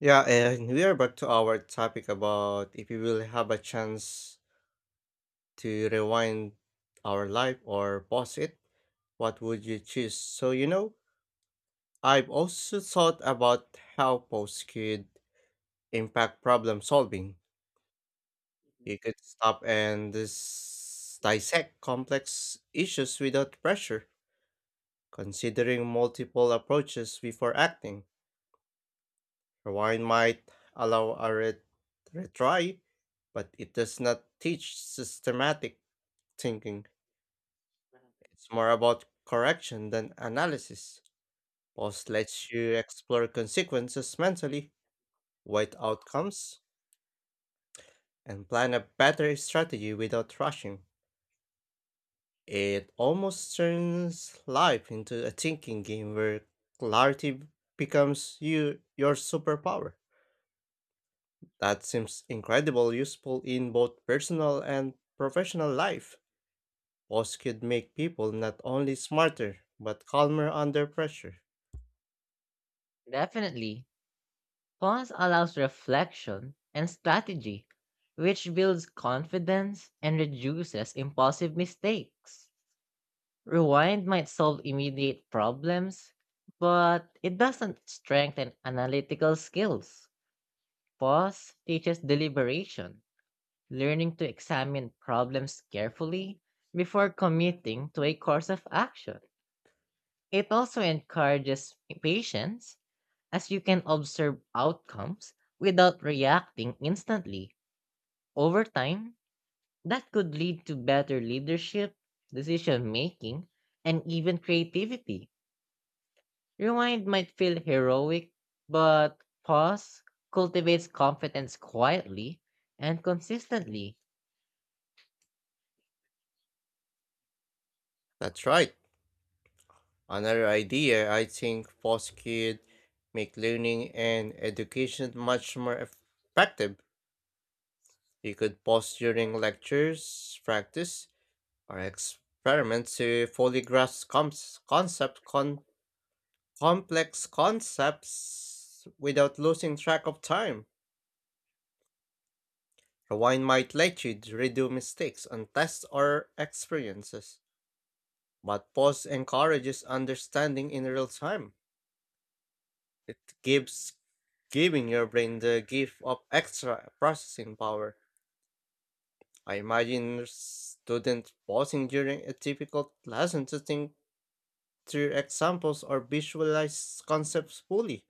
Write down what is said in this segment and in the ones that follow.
Yeah, and we are back to our topic about if we will have a chance to rewind our life or pause it, what would you choose? So, I've also thought about how pause could impact problem solving. You could stop and dissect complex issues without pressure, considering multiple approaches before acting. Rewind might allow a retry, but it does not teach systematic thinking. It's more about correction than analysis. Pause lets you explore consequences mentally, wait outcomes, and plan a better strategy without rushing. It almost turns life into a thinking game where clarity becomes your superpower. That seems incredibly useful in both personal and professional life. Pause could make people not only smarter, but calmer under pressure. Definitely, pause allows reflection and strategy, which builds confidence and reduces impulsive mistakes. Rewind might solve immediate problems, but it doesn't strengthen analytical skills. Pause teaches deliberation, learning to examine problems carefully before committing to a course of action. It also encourages patience as you can observe outcomes without reacting instantly. Over time, that could lead to better leadership, decision making, and even creativity. Rewind might feel heroic, but pause cultivates confidence quietly and consistently. That's right. Another idea I think pause could make learning and education much more effective. You could pause during lectures, practice, or experiments to fully grasp complex concepts without losing track of time. Rewind might let you redo mistakes on tests or experiences, but pause encourages understanding in real time. It gives giving your brain the gift of extra processing power. I imagine students pausing during a difficult lesson to think through examples or visualize concepts fully.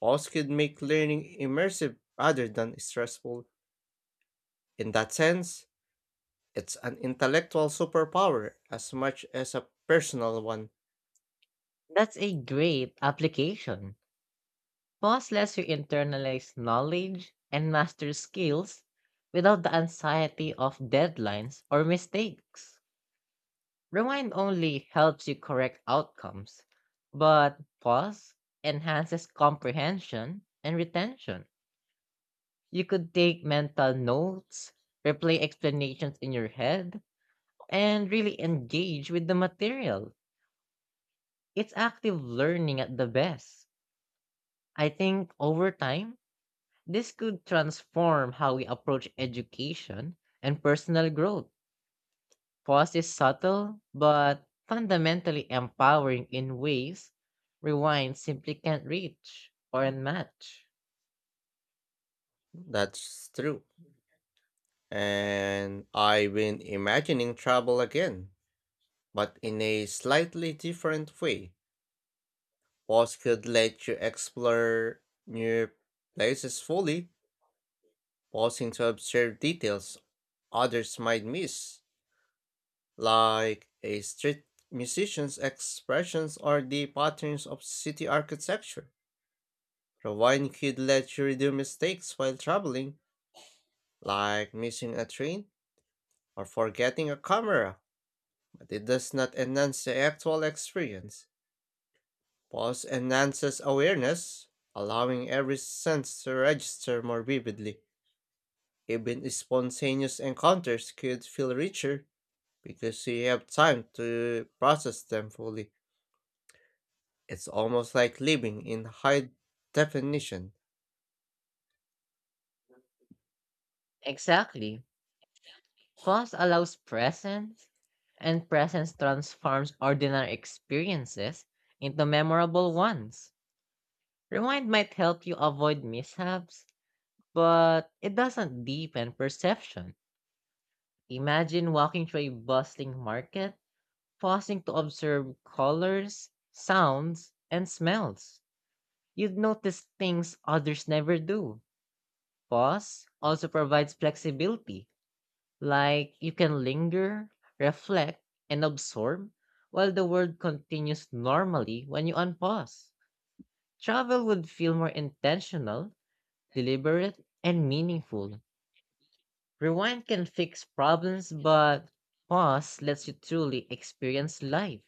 Pause could make learning immersive rather than stressful. In that sense, it's an intellectual superpower as much as a personal one. That's a great application. Pause lets you internalize knowledge and master skills without the anxiety of deadlines or mistakes. Rewind only helps you correct outcomes, but pause enhances comprehension and retention. You could take mental notes, replay explanations in your head, and really engage with the material. It's active learning at the best. I think over time, this could transform how we approach education and personal growth. Pause is subtle, but fundamentally empowering in ways rewind simply can't reach or match. That's true. And I've been imagining travel again, but in a slightly different way. Pause could let you explore new places fully, pausing to observe details others might miss, like a street musician's expressions or the patterns of city architecture. Rewind could let you redo mistakes while traveling, like missing a train or forgetting a camera, but it does not enhance the actual experience. Pause enhances awareness, allowing every sense to register more vividly. Even spontaneous encounters could feel richer because you have time to process them fully. It's almost like living in high definition. Exactly. Pause allows presence, and presence transforms ordinary experiences into memorable ones. Rewind might help you avoid mishaps, but it doesn't deepen perception. Imagine walking through a bustling market, pausing to observe colors, sounds, and smells. You'd notice things others never do. Pause also provides flexibility, like you can linger, reflect, and absorb while the world continues normally when you unpause. Travel would feel more intentional, deliberate, and meaningful. Rewind can fix problems, but pause lets you truly experience life.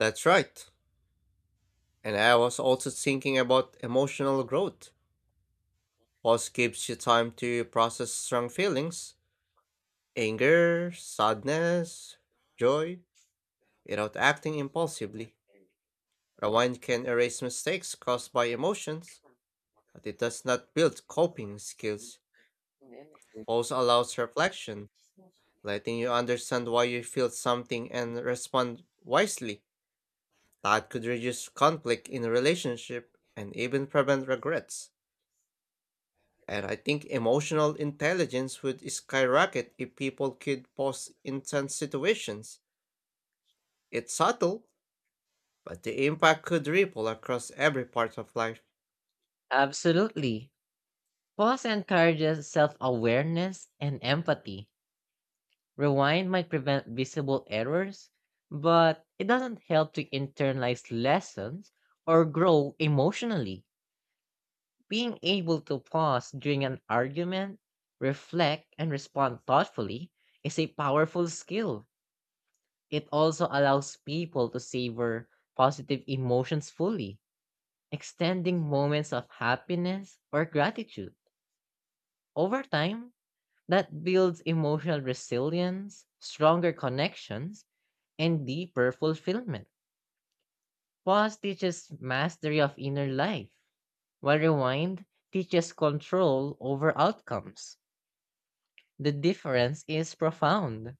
That's right. And I was also thinking about emotional growth. Pause gives you time to process strong feelings, anger, sadness, joy, without acting impulsively. Rewind can erase mistakes caused by emotions, but it does not build coping skills. Pause allows reflection, letting you understand why you feel something and respond wisely. That could reduce conflict in a relationship and even prevent regrets. And I think emotional intelligence would skyrocket if people could pause intense situations. It's subtle, but the impact could ripple across every part of life. Absolutely. Pause encourages self awareness and empathy. Rewind might prevent visible errors, but it doesn't help to internalize lessons or grow emotionally. Being able to pause during an argument, reflect, and respond thoughtfully is a powerful skill. It also allows people to savor positive emotions fully, extending moments of happiness or gratitude. Over time, that builds emotional resilience, stronger connections, and deeper fulfillment. Pause teaches mastery of inner life, while rewind teaches control over outcomes. The difference is profound.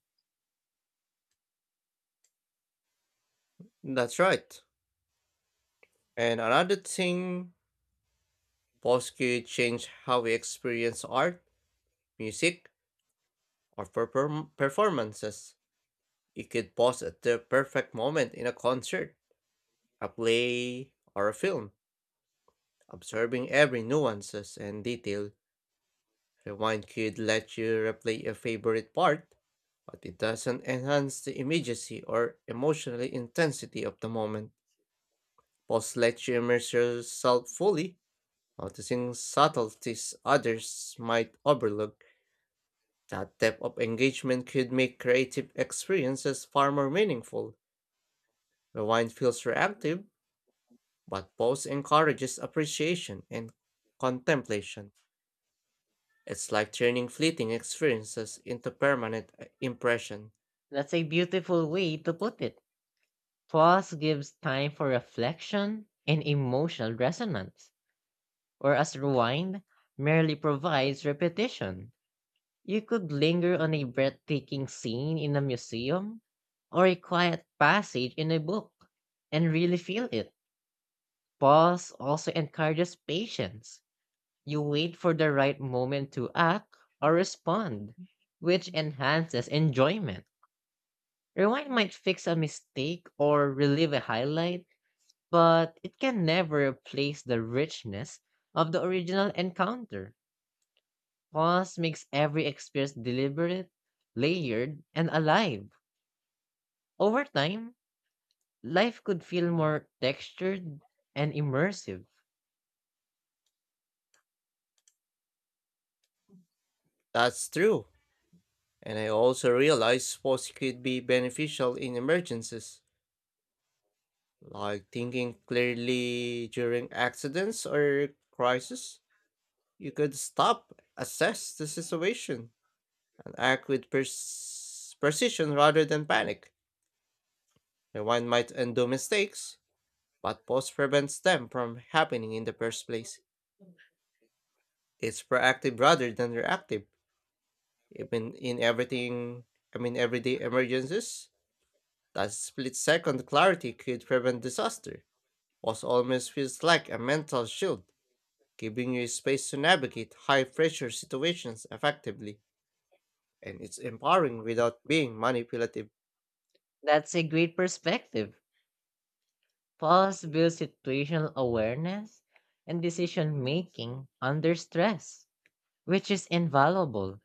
That's right. And another thing, pause could change how we experience art, music, or performances. You could pause at the perfect moment in a concert, a play, or a film, observing every nuances and detail. Rewind could let you replay a favorite part, but it doesn't enhance the immediacy or emotional intensity of the moment. Pause lets you immerse yourself fully, noticing subtleties others might overlook. That depth of engagement could make creative experiences far more meaningful. Rewind feels reactive, but pause encourages appreciation and contemplation. It's like turning fleeting experiences into permanent impression. That's a beautiful way to put it. Pause gives time for reflection and emotional resonance, whereas rewind merely provides repetition. You could linger on a breathtaking scene in a museum or a quiet passage in a book and really feel it. Pause also encourages patience. You wait for the right moment to act or respond, which enhances enjoyment. Rewind might fix a mistake or relive a highlight, but it can never replace the richness of the original encounter. Pause makes every experience deliberate, layered, and alive. Over time, life could feel more textured and immersive. That's true. And I also realized pause could be beneficial in emergencies. Like thinking clearly during accidents or crisis, you could stop, assess the situation, and act with precision rather than panic. Rewind might undo mistakes, but pause prevents them from happening in the first place. It's proactive rather than reactive. Even in everything, I mean, everyday emergencies, that split second clarity could prevent disaster. Pause almost feels like a mental shield giving you space to navigate high pressure situations effectively. And it's empowering without being manipulative. That's a great perspective. Pause builds situational awareness and decision making under stress, which is invaluable.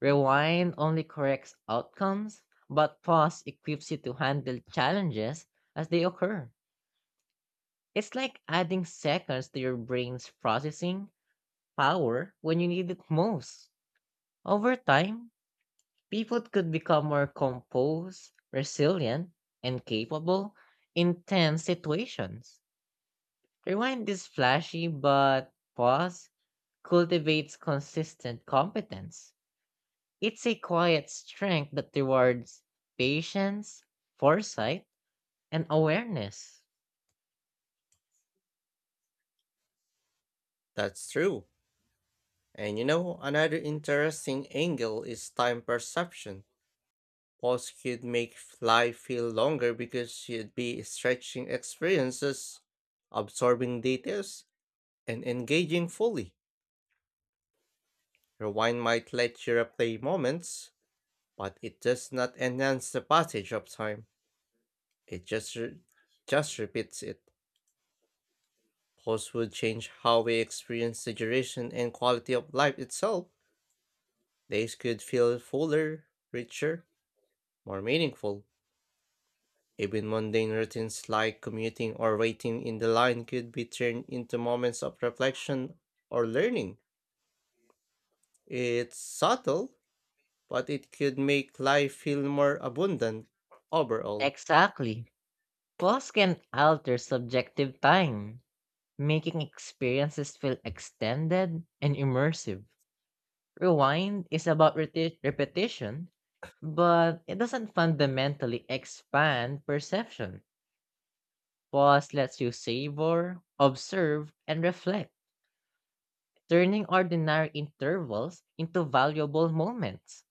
Rewind only corrects outcomes, but pause equips you to handle challenges as they occur. It's like adding seconds to your brain's processing power when you need it most. Over time, people could become more composed, resilient, and capable in tense situations. Rewind is flashy, but pause cultivates consistent competence. It's a quiet strength that rewards patience, foresight, and awareness. That's true. And another interesting angle is time perception. Pause could make fly feel longer because you'd be stretching experiences, absorbing details, and engaging fully. Rewind might let you replay moments, but it does not enhance the passage of time. It just repeats it. Posts would change how we experience the duration and quality of life itself. Days could feel fuller, richer, more meaningful. Even mundane routines like commuting or waiting in the line could be turned into moments of reflection or learning. It's subtle, but it could make life feel more abundant overall. Exactly. Pause can alter subjective time, making experiences feel extended and immersive. Rewind is about repetition, but it doesn't fundamentally expand perception. Pause lets you savor, observe, and reflect, turning ordinary intervals into valuable moments.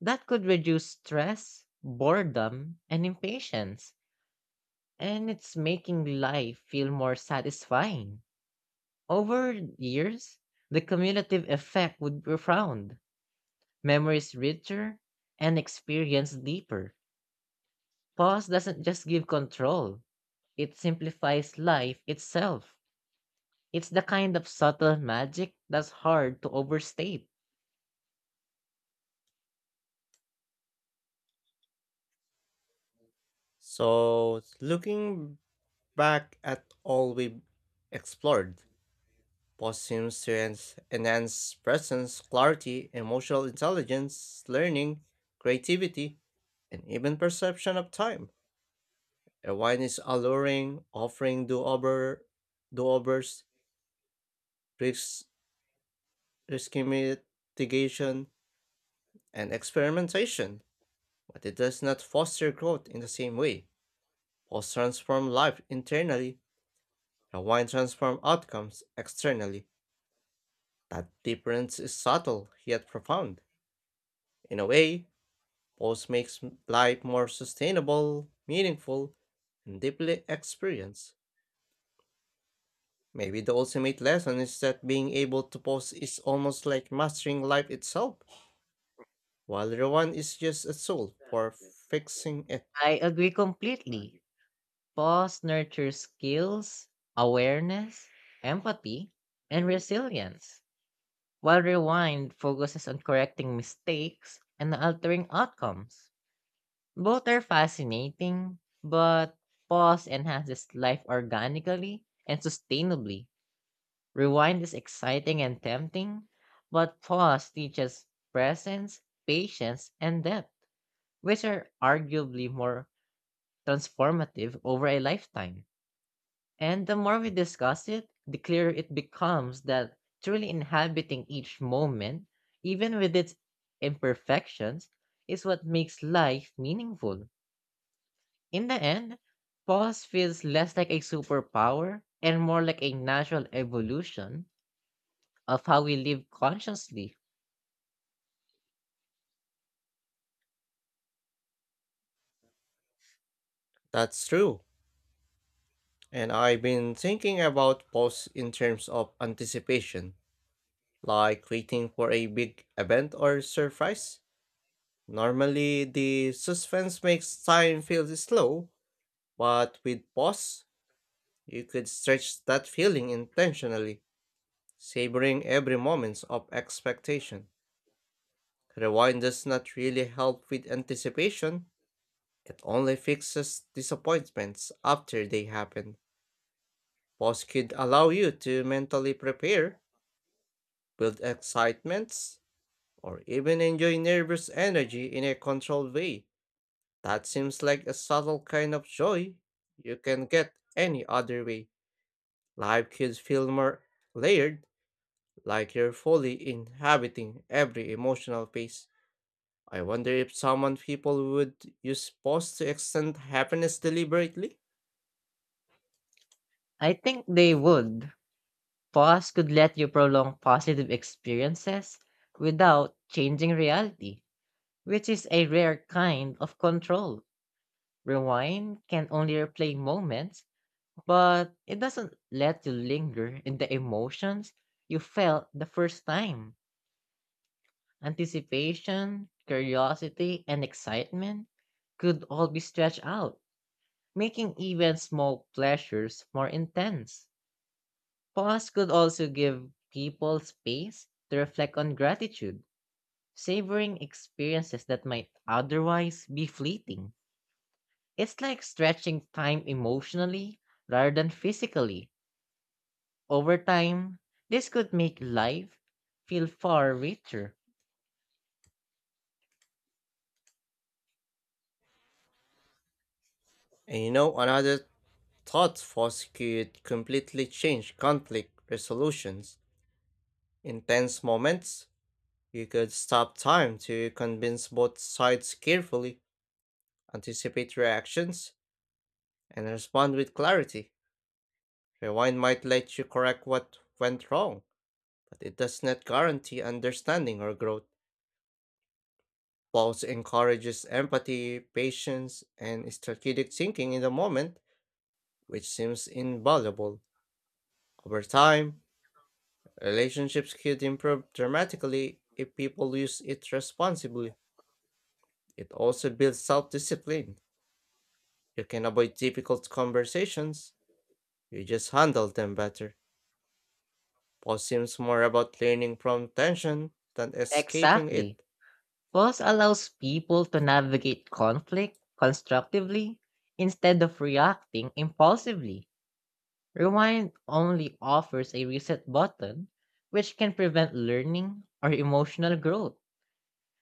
That could reduce stress, boredom, and impatience, and it's making life feel more satisfying. Over years, the cumulative effect would be profound, memories richer, and experience deeper. Pause doesn't just give control, it simplifies life itself. It's the kind of subtle magic that's hard to overstate. So, looking back at all we've explored, positive students enhance presence, clarity, emotional intelligence, learning, creativity, and even perception of time. A wine is alluring, offering do-overs, risk risk mitigation, and experimentation, but it does not foster growth in the same way. Pause transform life internally, a wine transform outcomes externally. That difference is subtle yet profound. In a way, pause makes life more sustainable, meaningful, and deeply experienced. Maybe the ultimate lesson is that being able to pause is almost like mastering life itself, while Rowan is just a tool for fixing it. I agree completely. Pause nurtures skills, awareness, empathy, and resilience, while rewind focuses on correcting mistakes and altering outcomes. Both are fascinating, but pause enhances life organically and sustainably. Rewind is exciting and tempting, but pause teaches presence, patience, and depth, which are arguably more transformative over a lifetime. And the more we discuss it, the clearer it becomes that truly inhabiting each moment, even with its imperfections, is what makes life meaningful. In the end, pause feels less like a superpower and more like a natural evolution of how we live consciously. That's true. And I've been thinking about pause in terms of anticipation, like waiting for a big event or surprise. Normally, the suspense makes time feel slow, but with pause, you could stretch that feeling intentionally, savoring every moment of expectation. Rewind does not really help with anticipation, it only fixes disappointments after they happen. Pause could allow you to mentally prepare, build excitements, or even enjoy nervous energy in a controlled way. That seems like a subtle kind of joy you can get any other way. Life could feel more layered like you're fully inhabiting every emotional phase. I wonder if someone people would use pause to extend happiness deliberately. I think they would. Pause could let you prolong positive experiences without changing reality, which is a rare kind of control. Rewind can only replay moments, but it doesn't let you linger in the emotions you felt the first time. Anticipation, curiosity, and excitement could all be stretched out, making even small pleasures more intense. Pause could also give people space to reflect on gratitude, savoring experiences that might otherwise be fleeting. It's like stretching time emotionally rather than physically. Over time, this could make life feel far richer. And another thought force could completely change conflict resolutions. In tense moments, you could stop time to convince both sides carefully, anticipate reactions, and respond with clarity. Rewind might let you correct what went wrong, but it does not guarantee understanding or growth. Pulse encourages empathy, patience, and strategic thinking in the moment, which seems invaluable. Over time, relationships could improve dramatically if people use it responsibly. It also builds self discipline. You can avoid difficult conversations, you just handle them better. Pulse seems more about learning from tension than escaping Exactly. it. Pause allows people to navigate conflict constructively instead of reacting impulsively. Rewind only offers a reset button, which can prevent learning or emotional growth.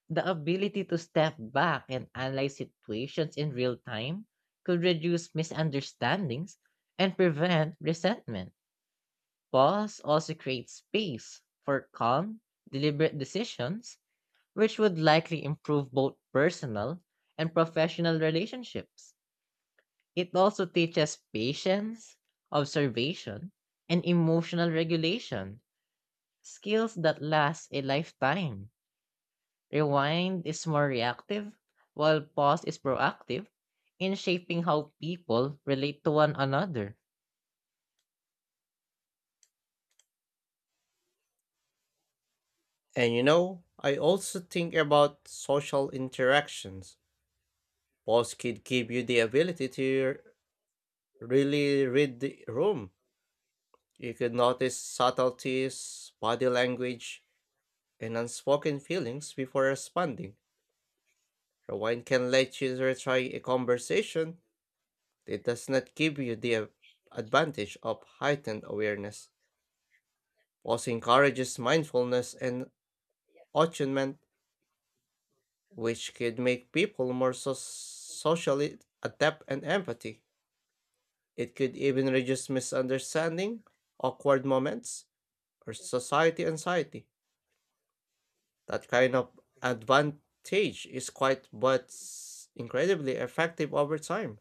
The ability to step back and analyze situations in real time could reduce misunderstandings and prevent resentment. Pause also creates space for calm, deliberate decisions, which would likely improve both personal and professional relationships. It also teaches patience, observation, and emotional regulation, skills that last a lifetime. Rewind is more reactive, while pause is proactive in shaping how people relate to one another. And I also think about social interactions. Pause could give you the ability to really read the room. You could notice subtleties, body language, and unspoken feelings before responding. Rewind can let you retry a conversation, but it does not give you the advantage of heightened awareness. Pause encourages mindfulness and attunement, which could make people more socially adept and empathy. It could even reduce misunderstanding, awkward moments, or society anxiety. That kind of advantage is quite but incredibly effective over time.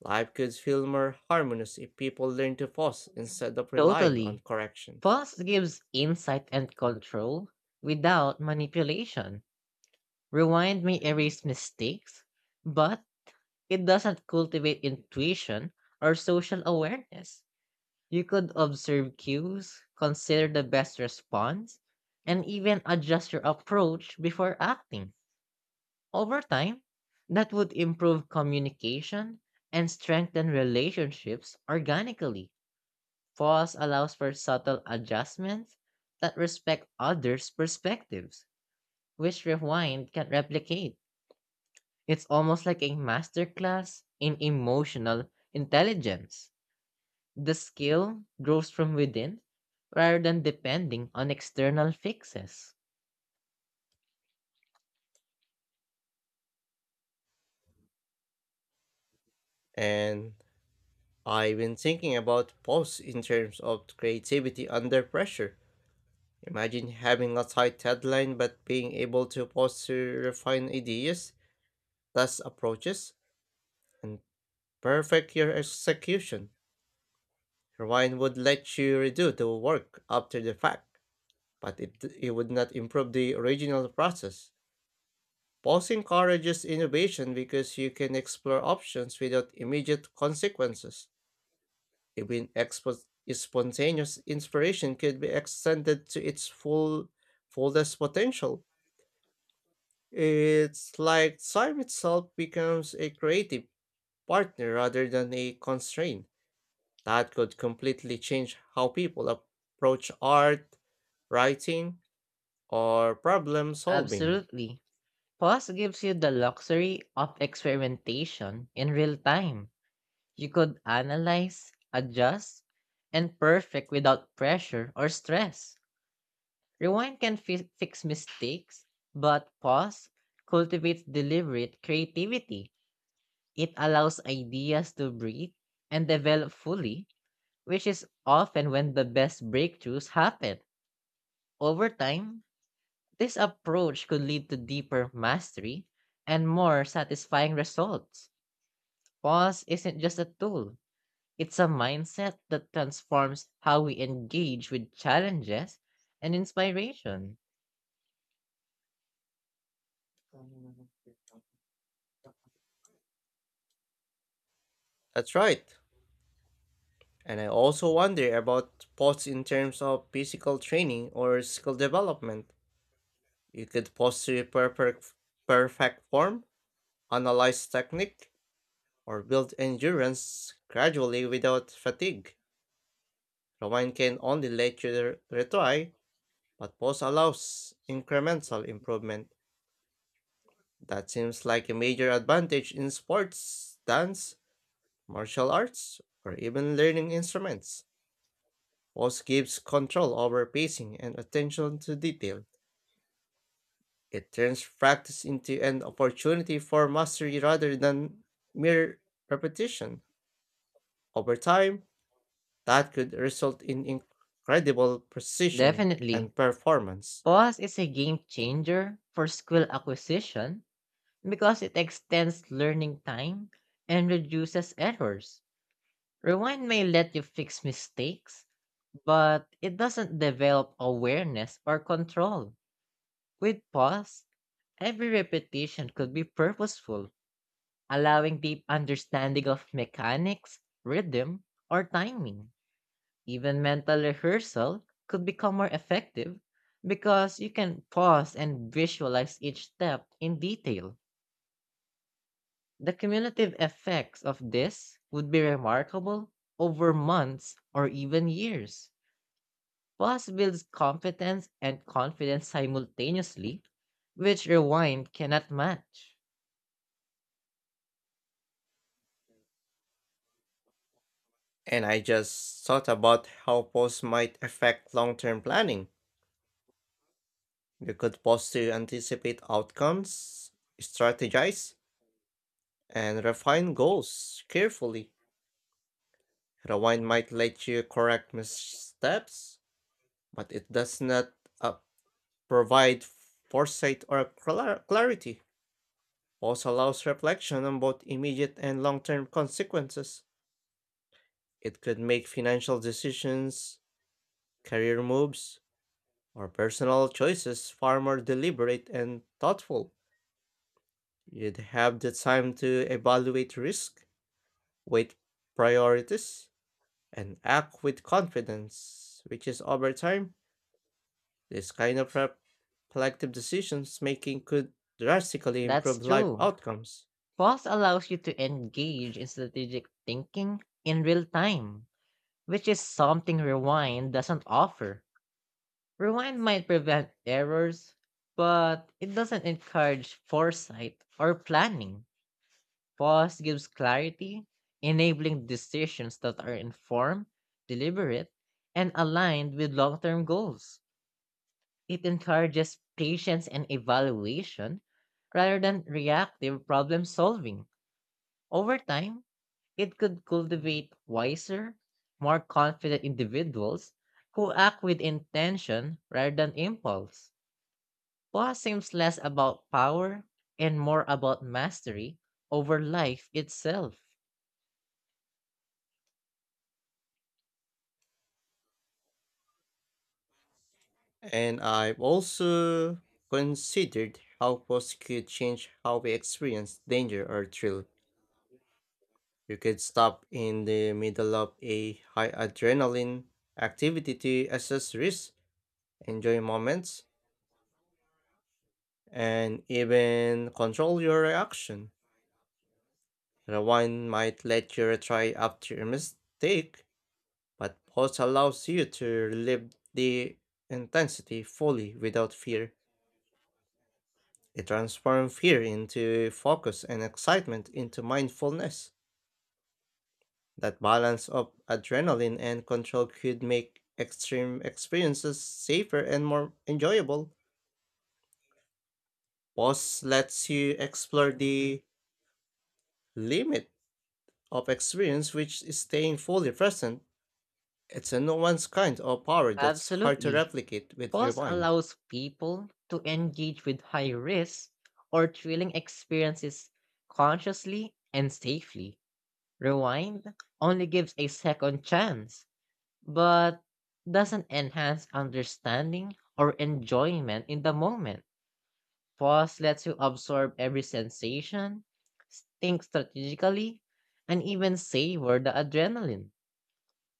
Life could feel more harmonious if people learn to pause instead of relying on Totally. corrections. Pause gives insight and control without manipulation. Rewind may erase mistakes, but it doesn't cultivate intuition or social awareness. You could observe cues, consider the best response, and even adjust your approach before acting. Over time, that would improve communication and strengthen relationships organically. Pause allows for subtle adjustments that respect others' perspectives, which Rewind can replicate. It's almost like a masterclass in emotional intelligence. The skill grows from within rather than depending on external fixes. And I've been thinking about pause in terms of creativity under pressure. Imagine having a tight deadline but being able to pause to refine ideas, test approaches, and perfect your execution. Rewind would let you redo the work after the fact, but it would not improve the original process. Pause encourages innovation because you can explore options without immediate consequences. Even spontaneous inspiration could be extended to its fullest potential. It's like time itself becomes a creative partner rather than a constraint. That could completely change how people approach art writing, or problem solving. Absolutely. Pause gives you the luxury of experimentation in real time. You could analyze, adjust, and perfect without pressure or stress. Rewind can fix mistakes, but pause cultivates deliberate creativity. It allows ideas to breathe and develop fully, which is often when the best breakthroughs happen. Over time, this approach could lead to deeper mastery and more satisfying results. Pause isn't just a tool, it's a mindset that transforms how we engage with challenges and inspiration. That's right. And I also wonder about sports in terms of physical training or skill development. You could pause to perfect form, analyze technique, or build endurance gradually without fatigue. Roman can only let you retry, but pause allows incremental improvement. That seems like a major advantage in sports, dance, martial arts, or even learning instruments. Pause gives control over pacing and attention to detail. It turns practice into an opportunity for mastery rather than mere repetition. Over time, that could result in incredible precision Definitely, and performance. pause is a game changer for skill acquisition because it extends learning time and reduces errors. Rewind may let you fix mistakes, but it doesn't develop awareness or control. With pause, every repetition could be purposeful, allowing deep understanding of mechanics, rhythm, or timing. Even mental rehearsal could become more effective because you can pause and visualize each step in detail. The cumulative effects of this would be remarkable over months or even years. Plus builds competence and confidence simultaneously, which rewind cannot match. And I just thought about how pause might affect long term planning. You could pause to anticipate outcomes, strategize, and refine goals carefully. Rewind might let you correct missteps, but it does not uh, provide foresight or clarity. Pause allows reflection on both immediate and long term consequences. It could make financial decisions, career moves, or personal choices far more deliberate and thoughtful. You'd have the time to evaluate risk, weight priorities, and act with confidence, which is over time. This kind of collective decisions making could drastically That's improve life true. outcomes. Plus allows you to engage in strategic thinking in real time, which is something rewind doesn't offer. Rewind might prevent errors, but it doesn't encourage foresight or planning. Pause gives clarity, enabling decisions that are informed, deliberate, and aligned with long term goals. It encourages patience and evaluation rather than reactive problem solving. Over time, it could cultivate wiser, more confident individuals who act with intention rather than impulse. Poa seems less about power and more about mastery over life itself. And I've also considered how posts could change how we experience danger or thrill. You could stop in the middle of a high adrenaline activity to assess risk, enjoy moments, and even control your reaction. Rewind might let you retry after a mistake, but pause allows you to relive the intensity fully without fear. It transforms fear into focus and excitement into mindfulness. That balance of adrenaline and control could make extreme experiences safer and more enjoyable. Pause lets you explore the limit of experience, which is staying fully present. It's a no one's kind of power that's hard to Absolutely. replicate with Pause Rewind. allows people to engage with high risk or thrilling experiences consciously and safely. Rewind only gives a second chance, but doesn't enhance understanding or enjoyment in the moment. Pause lets you absorb every sensation, think strategically, and even savor the adrenaline.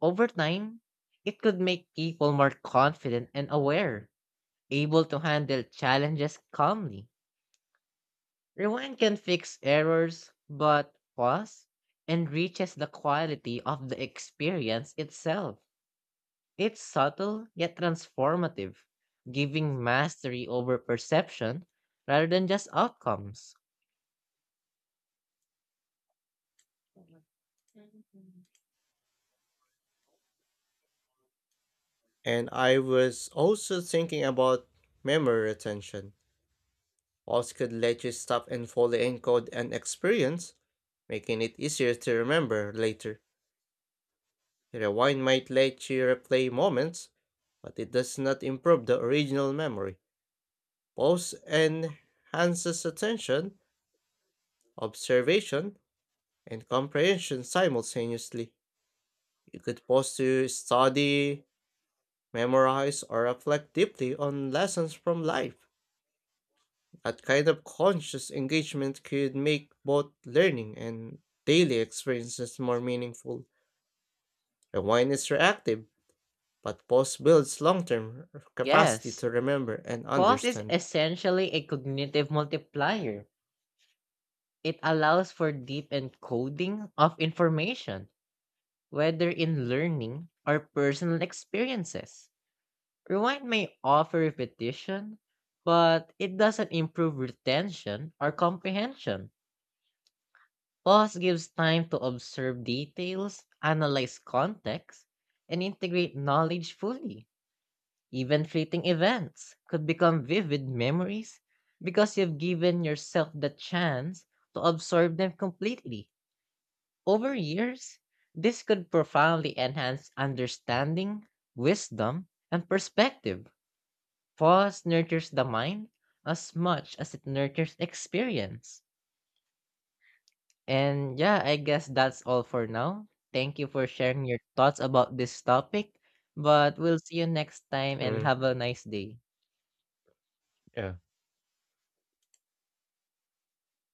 Over time, it could make people more confident and aware, able to handle challenges calmly. Rewind can fix errors, but pause enriches the quality of the experience itself. It's subtle yet transformative, giving mastery over perception rather than just outcomes. And I was also thinking about memory retention. Walls could let you stop and fully encode an experience, making it easier to remember later. Rewind might let you replay moments, but it does not improve the original memory. Pause enhances attention, observation, and comprehension simultaneously. You could pause to study, memorize, or reflect deeply on lessons from life. That kind of conscious engagement could make both learning and daily experiences more meaningful. The wine is reactive, but pause builds long term capacity Yes, to remember and pause is understand. essentially a cognitive multiplier. It allows for deep encoding of information whether in learning or personal experiences. Rewind may offer repetition, but it doesn't improve retention or comprehension. Pause gives time to observe details, analyze context, and integrate knowledge fully. Even fleeting events could become vivid memories because you've given yourself the chance to absorb them completely. Over years, this could profoundly enhance understanding, wisdom, and perspective. Pause nurtures the mind as much as it nurtures experience. And yeah, I guess that's all for now. Thank you for sharing your thoughts about this topic. But we'll see you next time and Mm, have a nice day. yeah.